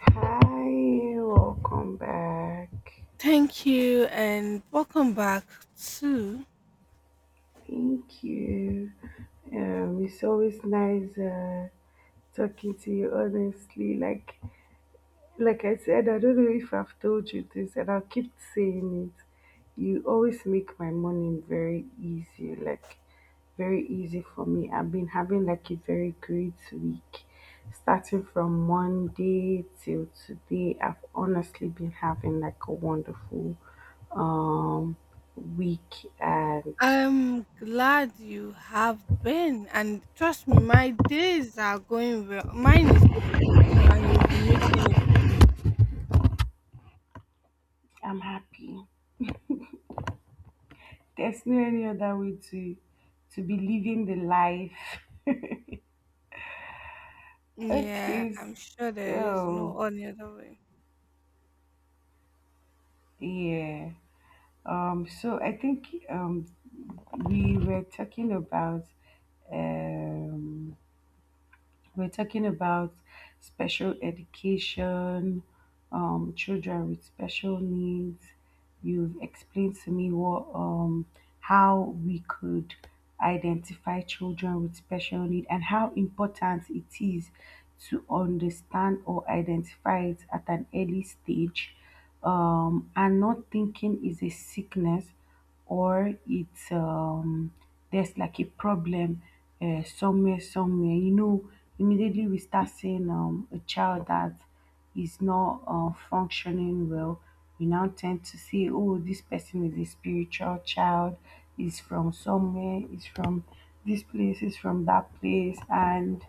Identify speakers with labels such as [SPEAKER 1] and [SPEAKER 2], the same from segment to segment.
[SPEAKER 1] Hi, welcome back.
[SPEAKER 2] Thank you and welcome back to.
[SPEAKER 1] Thank you. It's always nice talking to you, honestly. Like I said, I don't know if I've told you this, and I'll keep saying it. You always make my morning very easy, like very easy for me. I've been having like a very great week. Starting from Monday till today, I've honestly been having like a wonderful um week, and
[SPEAKER 2] I'm glad you have been, and trust me, my days are going well, mine is going well, so, and you'll be making it for me.
[SPEAKER 1] I'm happy. There's no any other way to be living the life.
[SPEAKER 2] Yeah,
[SPEAKER 1] Okay,
[SPEAKER 2] I'm sure there is
[SPEAKER 1] so
[SPEAKER 2] no any other way.
[SPEAKER 1] yeah. So I think, we were talking about um, we're talking about special education, children with special needs. You've explained to me what how we could identify children with special need and how important it is to understand or identify it at an early stage, and not thinking is a sickness or it's there's like a problem somewhere. Immediately we start seeing a child that is not functioning well, we now tend to say, oh, this person is a spiritual child, is from somewhere, is from this place, is from that place. And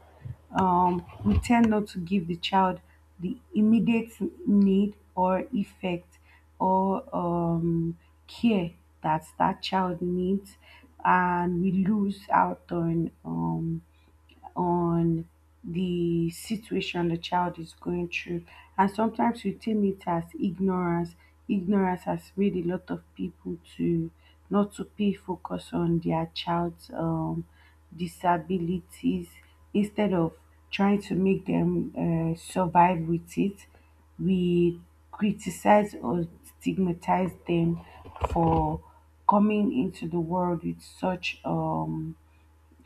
[SPEAKER 1] we tend not to give the child the immediate need or effect or care that that child needs. And we lose out on the situation the child is going through. And sometimes we term it as ignorance. Ignorance has made a lot of people to not to pay focus on their child's disabilities instead of trying to make them survive with it. We criticize or stigmatize them for coming into the world with such um,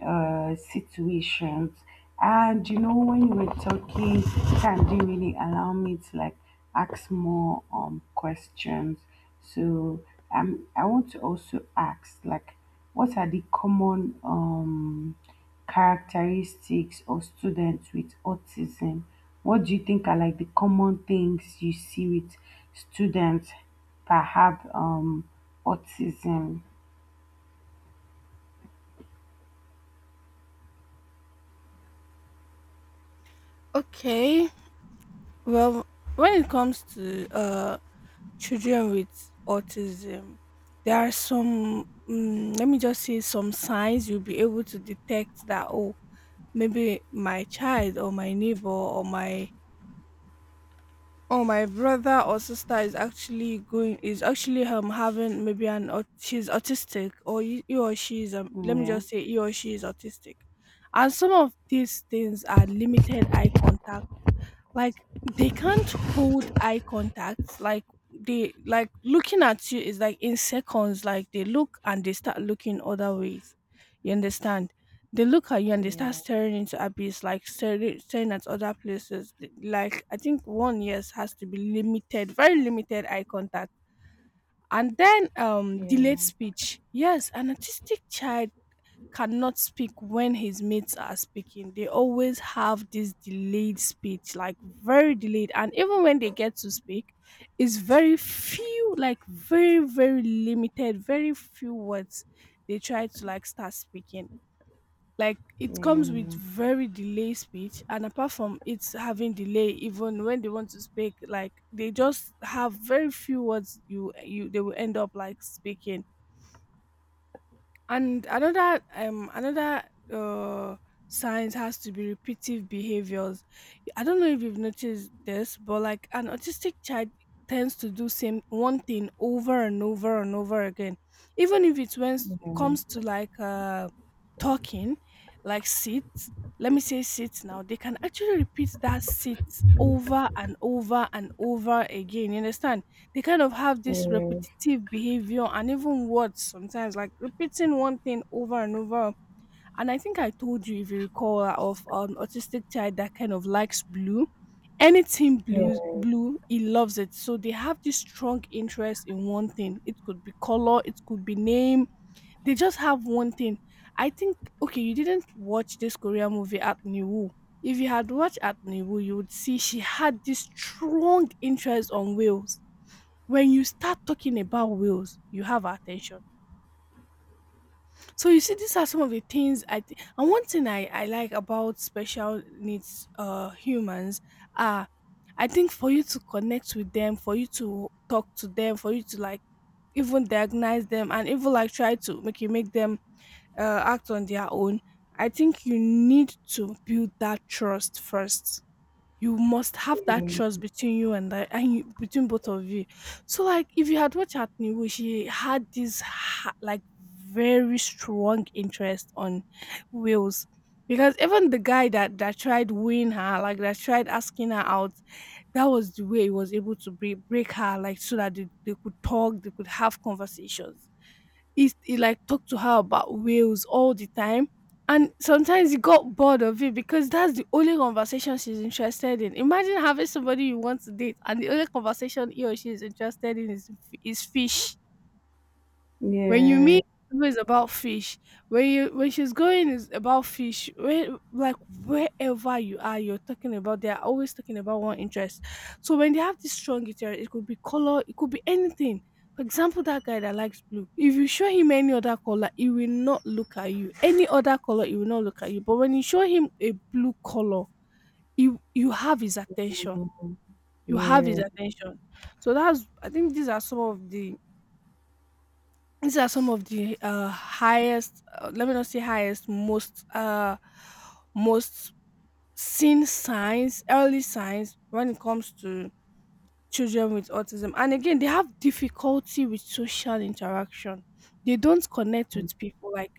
[SPEAKER 1] uh, situations. And when you were talking, time didn't really allow me to like ask more questions. So I want to also ask, like, what are the common characteristics of students with autism? What do you think are like the common things you see with students that have autism?
[SPEAKER 2] Okay. Well, when it comes to children with autism, there are some let me just say some signs you'll be able to detect that, oh, maybe my child or my neighbor or my brother or sister is actually having maybe an she's autistic, or he or she is let me
[SPEAKER 1] Yeah,
[SPEAKER 2] just say he or she is autistic, and some of these things are limited eye contact, like they can't hold eye contact. Like, they like, looking at you is like in seconds, like they look and they start looking other ways. You understand? They look at you and they start
[SPEAKER 1] yeah,
[SPEAKER 2] staring into abyss, like staring, staring at other places. Like, I think one yes has to be limited, very limited eye contact. And then delayed
[SPEAKER 1] yeah,
[SPEAKER 2] speech. Yes, an autistic child cannot speak when his mates are speaking. They always have this delayed speech, like very delayed. And even when they get to speak, it's very few, like very, very limited, very few words they try to like start speaking. Like, it comes with
[SPEAKER 1] yeah.
[SPEAKER 2] very delayed speech, and apart from it's having delay, even when they want to speak, like they just have very few words you they will end up like speaking. And another uh signs has to be repetitive behaviors. I don't know if you've noticed this, but like an autistic child tends to do same one thing over and over and over again. Even if it when
[SPEAKER 1] Yeah,
[SPEAKER 2] comes to like talking, like sit, let me say sit now, they can actually repeat that sit over and over and over again. You understand? They kind of have this repetitive behavior, and even words sometimes, like repeating one thing over and over. And I think I told you, if you recall, of an autistic child that kind of likes blue, anything
[SPEAKER 1] yeah,
[SPEAKER 2] blue blue he loves it. So they have this strong interest in one thing. It could be color, it could be name, they just have one thing. I think, okay, you didn't watch this Korean movie At New. If you had watched At Niwu, you would see she had this strong interest on whales. When you start talking about whales, you have our attention. So you see, these are some of the things I think. And one thing I like about special needs humans are, I think for you to connect with them, for you to talk to them, for you to like even diagnose them, and even like try to make you make them act on their own. I think you need to build that trust first. You must have that trust between you and the and you, between both of you. So like if you had watched Atniwu, she had this like very strong interest on Wales, because even the guy that tried wooing her, like that tried asking her out, that was the way he was able to break her, like, so that they could talk, they could have conversations. He like talked to her about whales all the time, and sometimes he got bored of it because that's the only conversation she's interested in. Imagine having somebody you want to date and the only conversation he or she is interested in is fish.
[SPEAKER 1] yeah,
[SPEAKER 2] When you
[SPEAKER 1] yeah,
[SPEAKER 2] meet,
[SPEAKER 1] yeah,
[SPEAKER 2] it's always about fish. When you when she's going is about fish. Where, like, wherever you are, you're talking about, they are always talking about one interest. So when they have this strong interest, it could be color, it could be anything. For example, that guy that likes blue. If you show him any other color, he will not look at you. Any other color, he will not look at you. But when you show him a blue color, you have his attention.
[SPEAKER 1] yeah,
[SPEAKER 2] You have his
[SPEAKER 1] yeah,
[SPEAKER 2] attention. So that's, I think these are some of the, these are some of the let me not say highest, most seen signs, early signs when it comes to children with autism. And again, they have difficulty with social interaction. They don't connect with people. Like,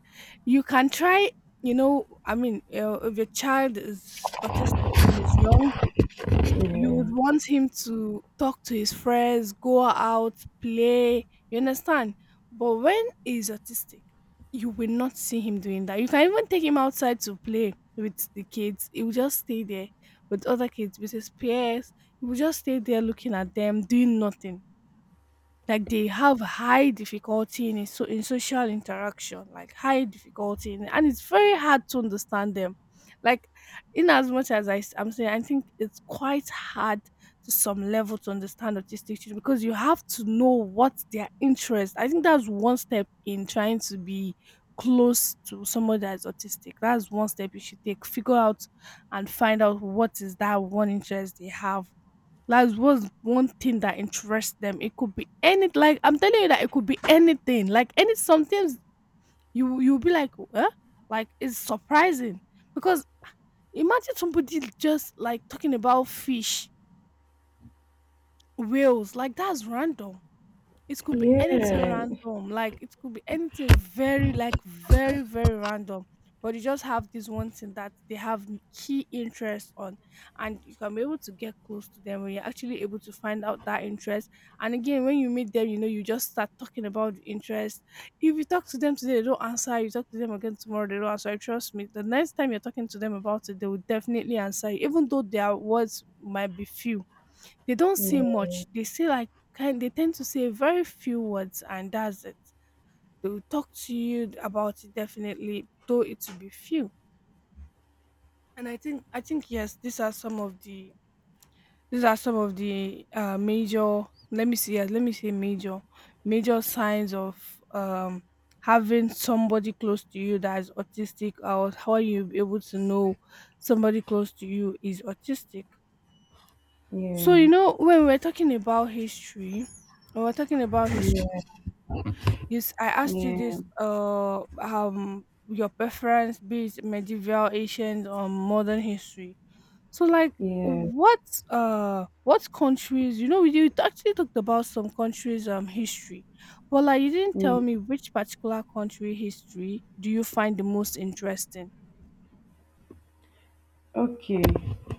[SPEAKER 2] you can try, you know, I mean, if your child is autistic and is young, you would want him to talk to his friends, go out, play. You understand? But when he's autistic, you will not see him doing that. You can even take him outside to play with the kids. He will just stay there with other kids, with his peers. He will just stay there looking at them, doing nothing. Like, they have high difficulty in a so in social interaction, like high difficulty in, and it's very hard to understand them. Like, in as much as I'm saying, I think it's quite hard to some level to understand autistic children, because you have to know what their interest. I think that's one step in trying to be close to someone that is autistic, that's one step you should take, figure out and find out what is that one interest they have. Like, what's one thing that interests them? It could be any, like I'm telling you, that it could be anything. Like any, sometimes you'll be like, huh? Like, it's surprising. Because, imagine somebody just like talking about fish, whales, like, that's random. It could be
[SPEAKER 1] yeah,
[SPEAKER 2] anything
[SPEAKER 1] yeah,
[SPEAKER 2] random, like, it could be anything very, like very, very random. But you just have this one thing that they have key interest on, and you can be able to get close to them when you're actually able to find out that interest. And again, when you meet them, you know, you just start talking about the interest. If you talk to them today, they don't answer. You talk to them again tomorrow, they don't answer. Trust me, the next time you're talking to them about it, they will definitely answer you, even though their words might be few. They don't say much. They say like kind, they tend to say very few words, and that's it. They will talk to you about it definitely, though it will be few. And I think yes, these are some of the, these are some of the major, let me see, yes, let me say major, major signs of um having somebody close to you that is autistic, or how are you able to know somebody close to you is autistic. So you know, when we're talking about history. Yes, I asked you
[SPEAKER 1] yeah,
[SPEAKER 2] this your preference, be it medieval, ancient or modern history. So like,
[SPEAKER 1] yeah, yeah.
[SPEAKER 2] what what countries, you know, you actually talked about some countries history, but like you didn't
[SPEAKER 1] Yeah.
[SPEAKER 2] tell me which particular country history do you find the most interesting.
[SPEAKER 1] Okay.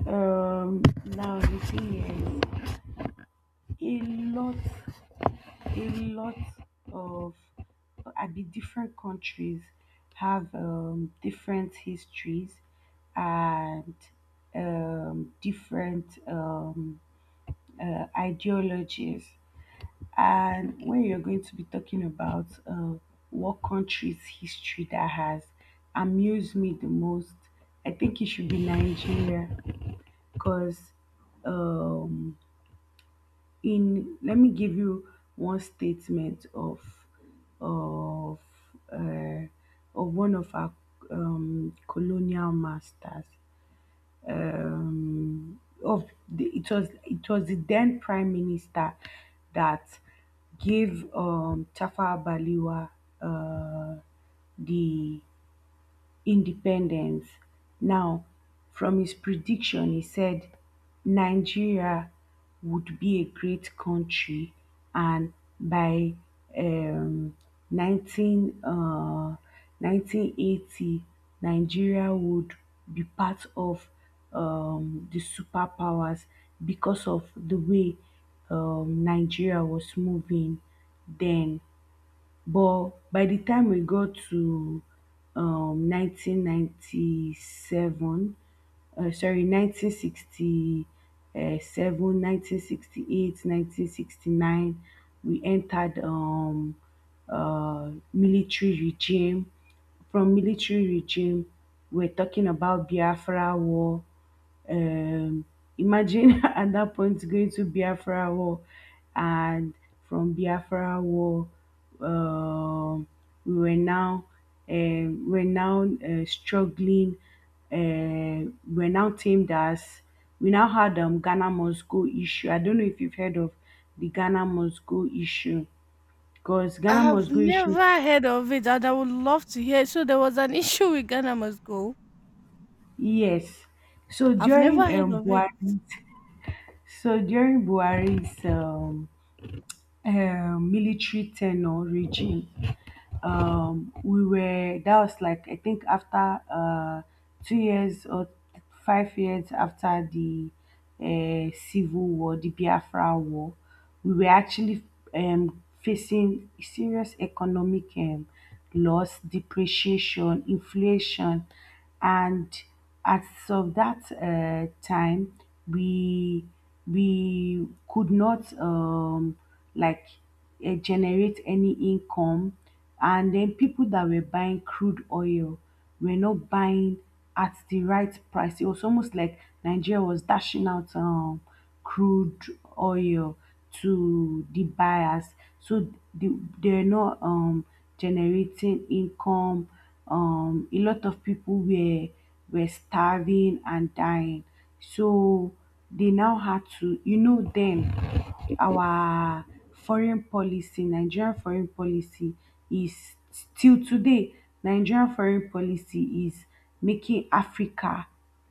[SPEAKER 1] Now the thing is, lot, a lot of, I be different countries have different histories and different ideologies. And when you're going to be talking about what country's history that has amused me the most, I think it should be Nigeria because, um, in let me give you one statement of uh, of one of our colonial masters — it was the then prime minister that gave Tafa Baliwa uh, the independence. Now, from his prediction, he said Nigeria would be a great country, and by um, 19, 1980, Nigeria would be part of the superpowers because of the way, Nigeria was moving then. But by the time we got to 1997, sorry, 1967, 1968, 1969, we entered military regime. From military regime, we're talking about Biafra war. Um, Imagine at that point going to Biafra war. And from Biafra war, um, we were now we're now struggling. We're now teamed as we now had Ghana must go issue. I don't know if you've heard of the Ghana must go issue, because
[SPEAKER 2] I
[SPEAKER 1] Ghana
[SPEAKER 2] have
[SPEAKER 1] must go issue.
[SPEAKER 2] never heard of it, and I would love to hear. So there was an issue with Ghana must go.
[SPEAKER 1] Yes. So
[SPEAKER 2] I've never
[SPEAKER 1] during
[SPEAKER 2] heard
[SPEAKER 1] um
[SPEAKER 2] of it.
[SPEAKER 1] Buhari's so during Buhari's, military tenure regime, we were that was, like, I think, after 2 years or 5 years after the civil war, the Biafra war. We were actually facing serious economic loss, depreciation, inflation. And as of that time, we we could not like generate any income, and then people that were buying crude oil were not buying at the right price. It was almost like Nigeria was dashing out crude oil to the buyers, so they're not generating income. A lot of people were starving and dying. So they now had to, then our foreign policy nigeria foreign policy is till today, Nigeria foreign policy is making Africa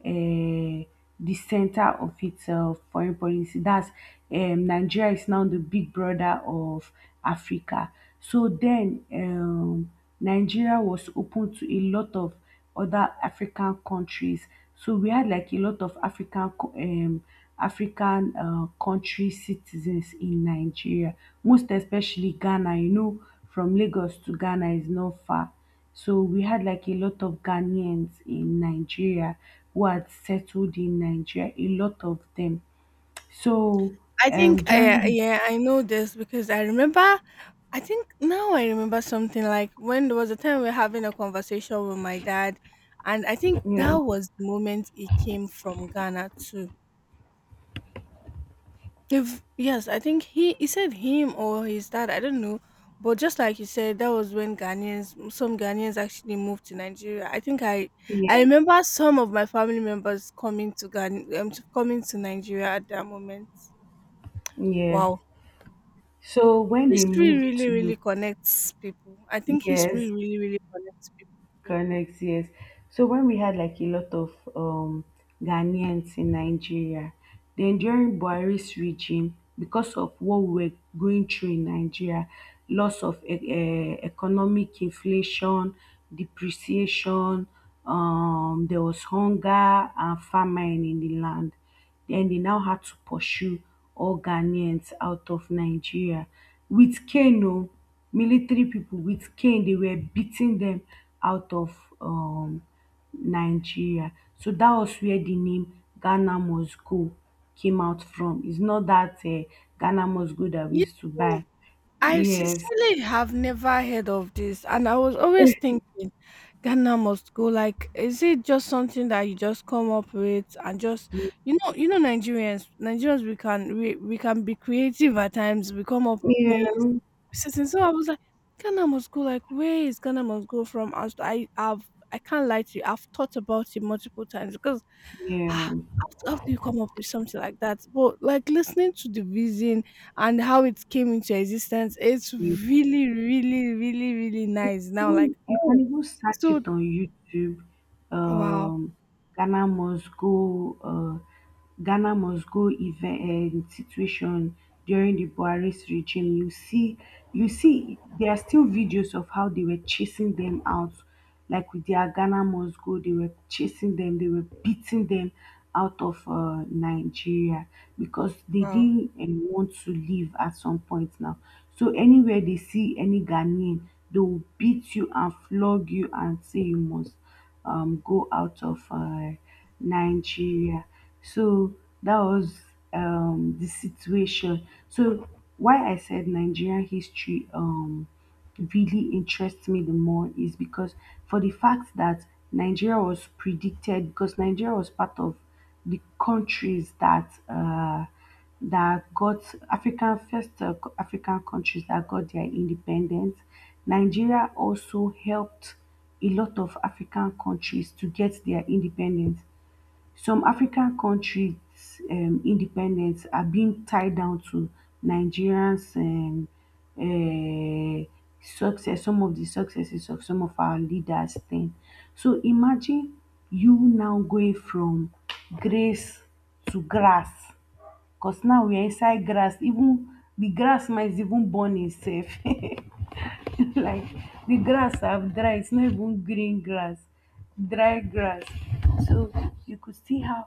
[SPEAKER 1] um the center of its foreign policy. That's Nigeria is now the big brother of Africa. So then Nigeria was open to a lot of other African countries. So we had like a lot of African country citizens in Nigeria, most especially Ghana. From Lagos to Ghana is not far. So we had like a lot of Ghanaians in Nigeria who had settled in Nigeria, a lot of them. So
[SPEAKER 2] I think I,
[SPEAKER 1] during
[SPEAKER 2] yeah, I know this because I remember, I think now I remember something, like when there was a time we were having a conversation with my dad, and I think
[SPEAKER 1] Yeah,
[SPEAKER 2] that was the moment he came from Ghana too. If yes, I think he said him or his dad, I don't know. But just like you said, that was when Ghanaians, some Ghanaians actually moved to Nigeria. I think I
[SPEAKER 1] yeah,
[SPEAKER 2] remember some of my family members coming to Ghana, coming to Nigeria at that moment.
[SPEAKER 1] yeah.
[SPEAKER 2] Wow.
[SPEAKER 1] So when they
[SPEAKER 2] History
[SPEAKER 1] moved
[SPEAKER 2] really,
[SPEAKER 1] to
[SPEAKER 2] really connects people. I think history
[SPEAKER 1] Yes,
[SPEAKER 2] really, really connects people.
[SPEAKER 1] correct, yes. So when we had like a lot of Ghanaians in Nigeria, then during Buhari's regime, because of what we were going through in Nigeria, loss of economic inflation, depreciation, there was hunger and famine in the land. Then they now had to pursue all Ghanaians out of Nigeria with cane, oh, military people with cane. They were beating them out of Nigeria. So that was where the name Ghana must go came out from. It's not that Ghana must go that we
[SPEAKER 2] Yeah,
[SPEAKER 1] used to buy.
[SPEAKER 2] I
[SPEAKER 1] Yes.
[SPEAKER 2] sincerely have never heard of this, and I was always thinking Ghana must go. Like, is it just something that you just come up with? And just, you know, Nigerians, Nigerians, we can be creative at times. We come up with things.
[SPEAKER 1] Yeah.
[SPEAKER 2] So, so so I was like, Ghana must go. Like, where is Ghana must go from? As I have, I can't lie to you. I've thought about it multiple times because how, how do you come up with something like that? But like listening to the vision and how it came into existence. It's
[SPEAKER 1] Yeah.
[SPEAKER 2] really, really, really, really
[SPEAKER 1] You
[SPEAKER 2] nice. Now, like,
[SPEAKER 1] you can
[SPEAKER 2] oh,
[SPEAKER 1] even search
[SPEAKER 2] so
[SPEAKER 1] it on YouTube.
[SPEAKER 2] wow,
[SPEAKER 1] Um, Ghana must go. Uh, Ghana must go event, situation during the Buhari's regime. You see, there are still videos of how they were chasing them out, like with their Ghana must go, they were chasing them, they were beating them out of Nigeria because they
[SPEAKER 2] wow.
[SPEAKER 1] didn't want to leave at some point now. So anywhere they see any Ghanaian, they will beat you and flog you and say you must go out of Nigeria. So that was the situation. So why I said Nigerian history really interests me the more is because, for the fact that Nigeria was predicted, because Nigeria was part of the countries that that got African countries that got their independence. Nigeria also helped a lot of African countries to get their independence. Some African countries, independence are being tied down to Nigerians, uh, success, some of the successes of some of our leaders then. So imagine you now going from grace to grass, because now we are inside grass. Even the grass might even burn itself. Like, the grass have dry, it's not even green grass, dry grass. So you could see how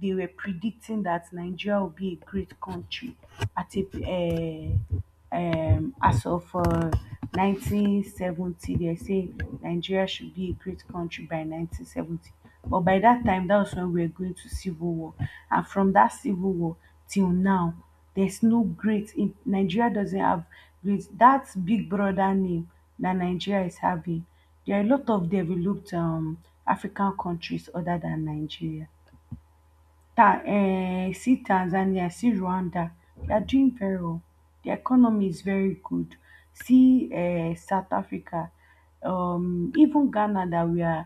[SPEAKER 1] they were predicting that Nigeria will be a great country. At a As of 1970, they say Nigeria should be a great country by 1970. But by that time, that was when we were going to civil war. And from that civil war till now, there's no great, Nigeria doesn't have great, that big brother name that Nigeria is having. There are a lot of developed African countries other than Nigeria. Ta See Tanzania, see Rwanda. They are doing very well. The economy is very good. See South Africa, even Ghana that we are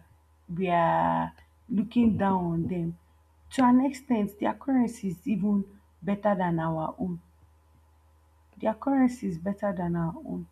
[SPEAKER 1] we are looking down on them. To an extent, their currency is even better than our own. Their currency is better than our own.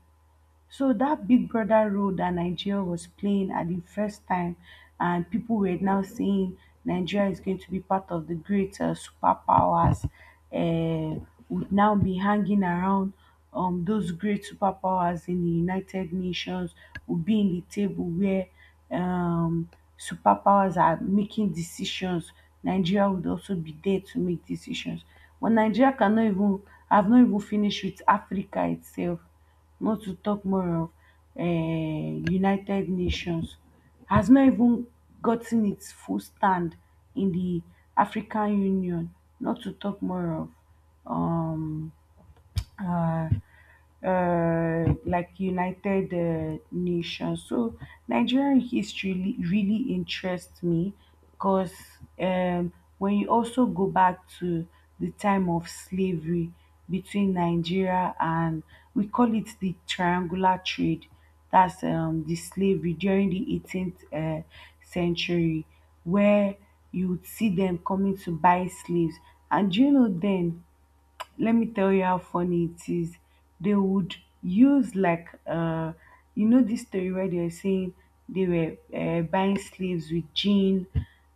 [SPEAKER 1] So that Big Brother role that Nigeria was playing at the first time, and people were now saying Nigeria is going to be part of the great superpowers, would now be hanging around those great superpowers in the United Nations, would be in the table where um, superpowers are making decisions. Nigeria would also be there to make decisions. But Nigeria cannot even have not even finished with Africa itself, not to talk more of United Nations, has not even gotten its full stand in the African Union, not to talk more of um, uh, United Nations. So Nigerian history really interests me because, um, when you also go back to the time of slavery between Nigeria and — we call it the triangular trade — that's the slavery during the 18th century, where you would see them coming to buy slaves. And do you know, then let me tell you how funny it is. They would use like you know this story where they were saying — they were buying slaves with gin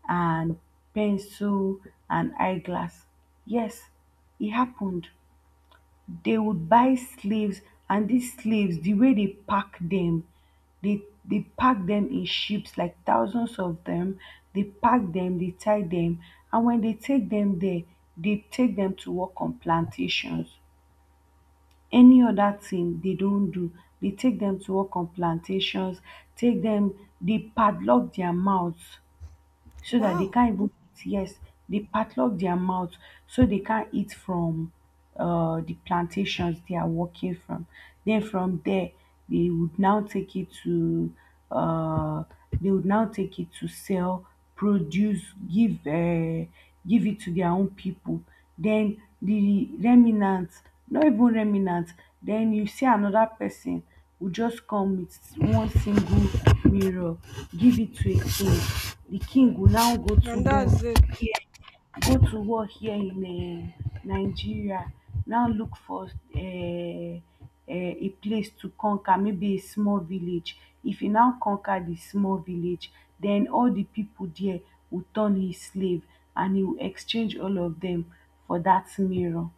[SPEAKER 1] and pencil and eyeglass. Yes, it happened. They would buy slaves, and these slaves, the way they pack them, they pack them in ships, like thousands of them. They pack them, they tie them, and when they take them there, they take them to work on plantations. Any other thing they don do, dey take them to work on plantations, take them, dey padlock their mouths so that they
[SPEAKER 2] Wow.
[SPEAKER 1] can't even eat. Yes, they padlock their mouth so they can't eat from the plantations they are working from. Then from there, they would now take it to uh, they would now take it to sell, produce, give give it to their own people. Then the remnants, not even remnants. Then you see another person will just come with one single mirror, give it to a king. The king will now go to
[SPEAKER 2] And
[SPEAKER 1] war
[SPEAKER 2] that's it.
[SPEAKER 1] here, go to war here in Nigeria, now look for um a place to conquer, maybe a small village. If he now conquer the small village, then all the people there will turn his slave, and he will exchange all of them for that mirror.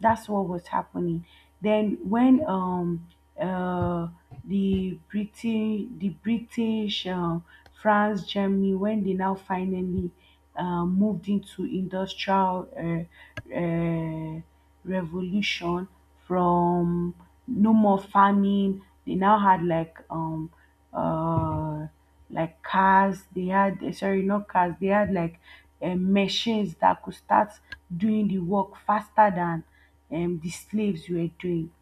[SPEAKER 1] That's what was happening. Then when uh the British the British, France, Germany, when they now finally moved into industrial revolution, from no more farming, they now had uh like cars. They had sorry, not cars. They had like machines that could start doing the work faster than the slaves were doing.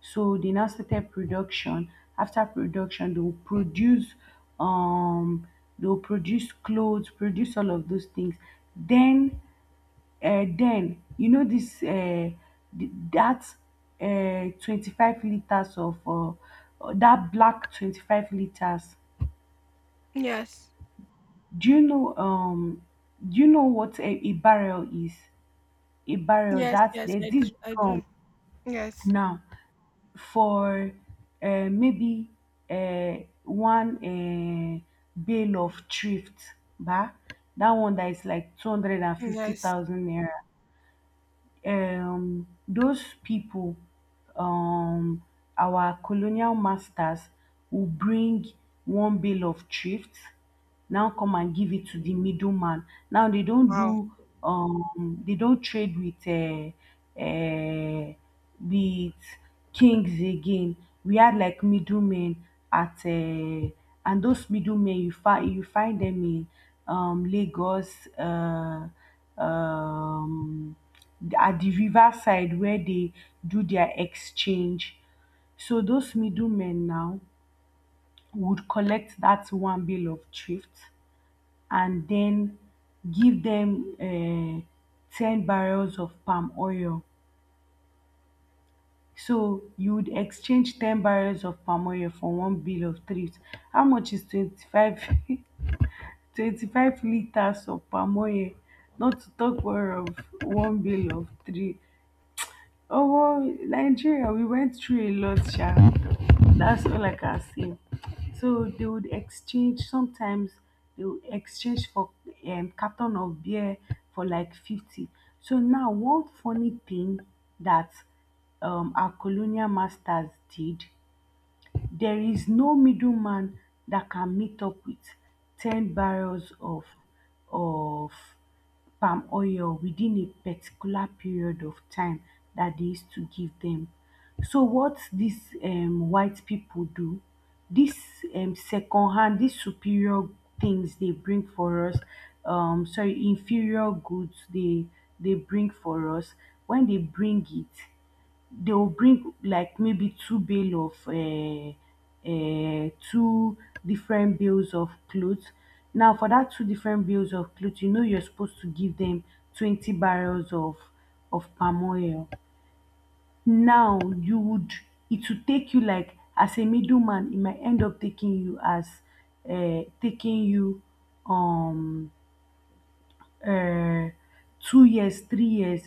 [SPEAKER 1] So they now started production. After production, um they will produce clothes, produce all of those things. Then then you know this that 25 liters of that black 25 liters.
[SPEAKER 2] Yes.
[SPEAKER 1] Do you know do you know what a barrel is? A barrel,
[SPEAKER 2] Yes,
[SPEAKER 1] that
[SPEAKER 2] yes,
[SPEAKER 1] there's
[SPEAKER 2] I
[SPEAKER 1] this
[SPEAKER 2] do. I
[SPEAKER 1] drum
[SPEAKER 2] do. Yes.
[SPEAKER 1] now for maybe uh, one bale of thrift, bah? That one that is like
[SPEAKER 2] Yes.
[SPEAKER 1] 250,000 naira. Those people, um our colonial masters, will bring one bale of thrift, now come and give it to the middleman. Now they don't
[SPEAKER 2] Wow.
[SPEAKER 1] do, they don't trade with with kings again. We had like middlemen at and those middlemen, you find, you find them in Lagos, um at the river side, where they do their exchange. So those middlemen now would collect that one bill of thrift and then give them 10 barrels of palm oil. So you would exchange 10 barrels of palm oil for one bill of thrift. How much is 25, 25 liters of palm oil? Not to talk more of one bill of thrift. Omo Nigeria, we went through a lot, sha. That's all I can say. So they would exchange, sometimes they would exchange for carton of beer for like 50. So now one funny thing that our colonial masters did, there is no middleman that can meet up with 10 barrels of of palm oil within a particular period of time that they used to give them. So what these white people do, this second hand, this superior things they bring for us, sorry, inferior goods they bring for us, when they bring it, they will bring like maybe two bale of two different bales of clothes. Now for that two different bales of clothes, you know you're supposed to give them 20 barrels of palm oil. Now you would, it would take you like, as a middleman, it might end up taking you as taking you um uh, 2 years, 3 years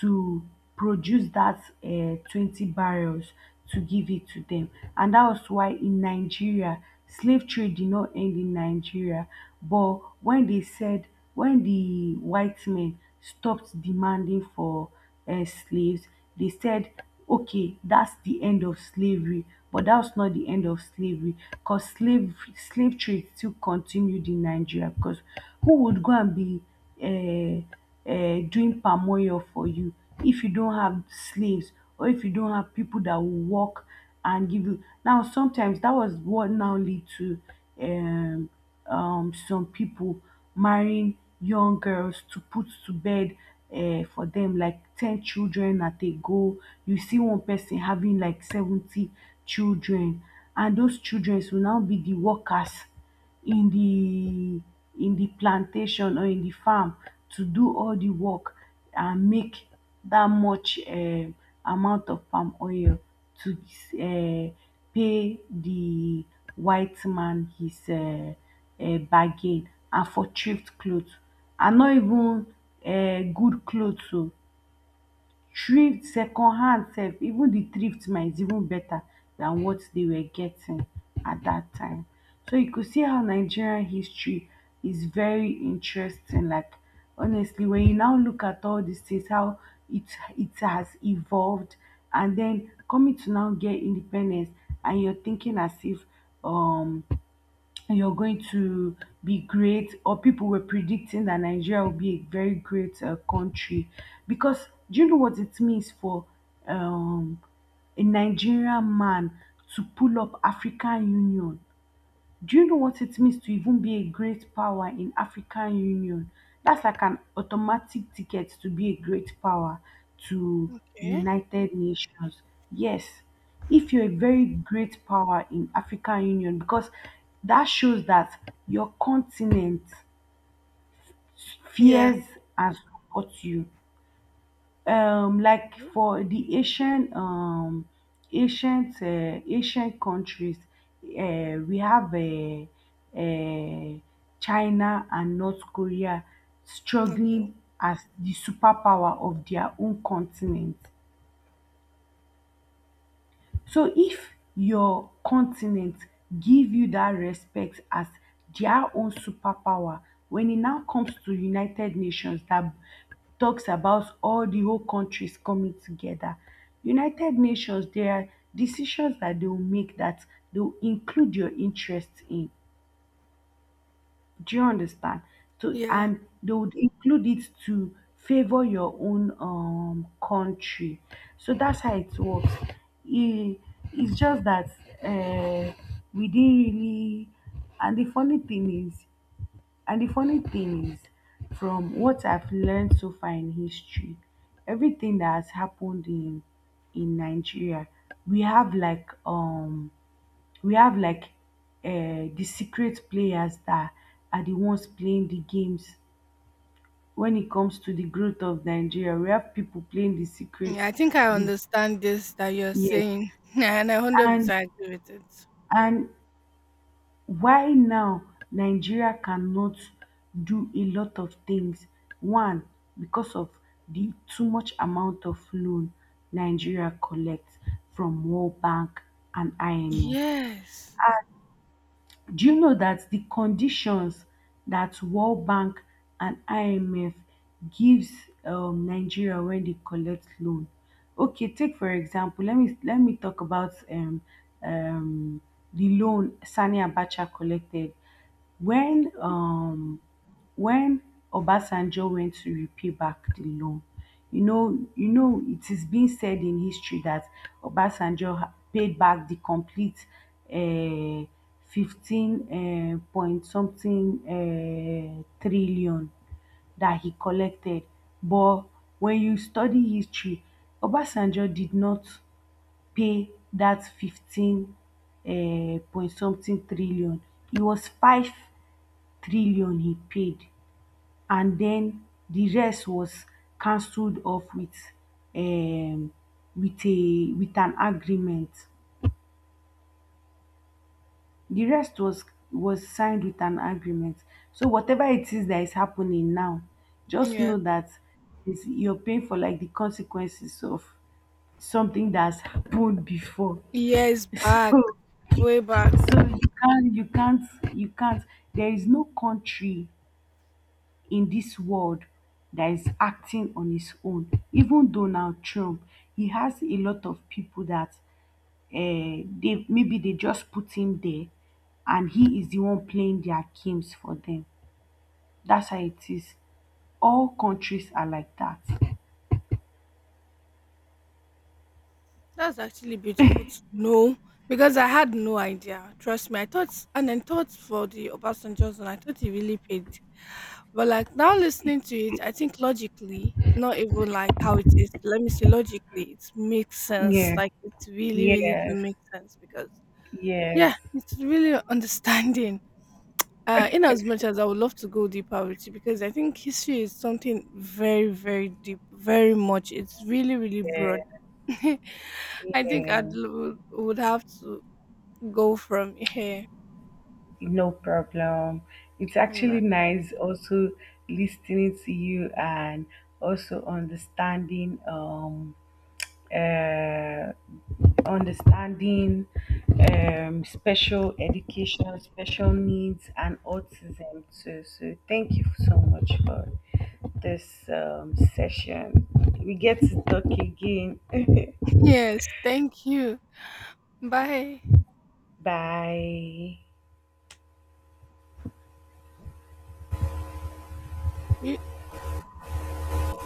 [SPEAKER 1] to produce that 20 barrels to give it to them. And that was why, in Nigeria, slave trade did not end in Nigeria. But when they said, when the white men stopped demanding for slaves, they said, okay, that's the end of slavery. But that was not the end of slavery, cause slave trade still continued in Nigeria, because who would go and be uh, doing palm oil for you if you don't have slaves, or if you don't have people that will work and give you? Now sometimes, that was what now lead to um some people marrying young girls to put to bed for them, like 10 children at a go. You see one person having like 70 children, and those childrens will now be the workers in the plantation, or in the farm, to do all the work and make that much amount of palm oil to uh pay the white man his bargain, and for thrift clothes, and not even good clothes oo, thrift secondhand sef. Even the thrift now is even better than what they were getting at that time. So you could see how Nigerian history is very interesting. Like honestly, when you now look at all these things, how it it has evolved, and then coming to now get independence, and you're thinking as if um you're going to be great, or people were predicting that Nigeria will be a very great country. Because do you know what it means for um, a Nigerian man to pull up African Union? Do you know what it means to even be a great power in African Union? That's like an automatic ticket to be a great power to
[SPEAKER 2] Okay.
[SPEAKER 1] United Nations. Yes, if you're a very great power in African Union, because that shows that your continent
[SPEAKER 2] Yeah.
[SPEAKER 1] fears and supports you. Like for the Asian ancient ancient countries, we have uh, China and North Korea
[SPEAKER 2] Okay.
[SPEAKER 1] struggling as the superpower of their own continent. So if your continent give you that respect as their own superpower, when it now comes to United Nations, that talks about all the whole countries coming together, United Nations, there are decisions that they will make that they will include your interest in. Do you understand? So,
[SPEAKER 2] Yeah.
[SPEAKER 1] and they would include it to favor your own country. So that's how it works. It, it's just that uh, we didn't really. And the funny thing is, and the funny thing is, from what I've learned so far in history, everything that has happened in Nigeria, we have like we have like the secret players that are the ones playing the games. When it comes to the growth of Nigeria, we have people playing the
[SPEAKER 2] Yeah, I
[SPEAKER 1] secrets.
[SPEAKER 2] think I
[SPEAKER 1] This
[SPEAKER 2] understand this that you're
[SPEAKER 1] year.
[SPEAKER 2] saying, and I
[SPEAKER 1] And
[SPEAKER 2] 100% agree with it.
[SPEAKER 1] and Why now Nigeria cannot do a lot of things? One, because of the too much amount of loan Nigeria collects from World Bank and IMF.
[SPEAKER 2] Yes.
[SPEAKER 1] Do you know that the conditions that World Bank and IMF gives Nigeria when they collect loan? Okay, take for example, let me talk about um, the loan Sani Abacha collected when um when Obasanjo went to repay back the loan. You know, it is being said in history that Obasanjo paid back the complete um 15 point something trillion that he collected. But when you study history, Obasanjo did not pay that 15 point something trillion. It was 5 trillion he paid, and then the rest was cancelled off um with a with an agreement. The rest was signed with an agreement. So whatever it is that is happening now, just
[SPEAKER 2] Yeah.
[SPEAKER 1] know that it's, you're paying for like the consequences of something that's happened before.
[SPEAKER 2] Years back,
[SPEAKER 1] So
[SPEAKER 2] way back.
[SPEAKER 1] so you can't, you can't. There is no country in this world that is acting on his own. Even Donald Trump, he has a lot of people that they maybe they just put him there, and he is the one playing their games for them. That's how it is. All countries are like that.
[SPEAKER 2] That's actually beautiful to know, because I had no idea. Trust me, I thought, and then thought for the Obasanjo zone, I thought he really paid. But like now listening to it, I think logically, not even like how it is. Let me say logically, it makes sense.
[SPEAKER 1] Yeah.
[SPEAKER 2] Like, it really, really do
[SPEAKER 1] Yes.
[SPEAKER 2] make sense because
[SPEAKER 1] Yes.
[SPEAKER 2] yeah, it's really understanding. In as much as I would love to go deeper with you, because I think history is something very, very deep, very much. It's really, really broad.
[SPEAKER 1] Yeah.
[SPEAKER 2] I think
[SPEAKER 1] Yeah.
[SPEAKER 2] would have to go from here.
[SPEAKER 1] No problem. It's
[SPEAKER 2] All
[SPEAKER 1] actually
[SPEAKER 2] right.
[SPEAKER 1] nice also listening to you and also understanding uh, understanding special education, special needs, and autism. So, so thank you so much for this session. We get to talk again.
[SPEAKER 2] Yes. Thank you. Bye.
[SPEAKER 1] Bye.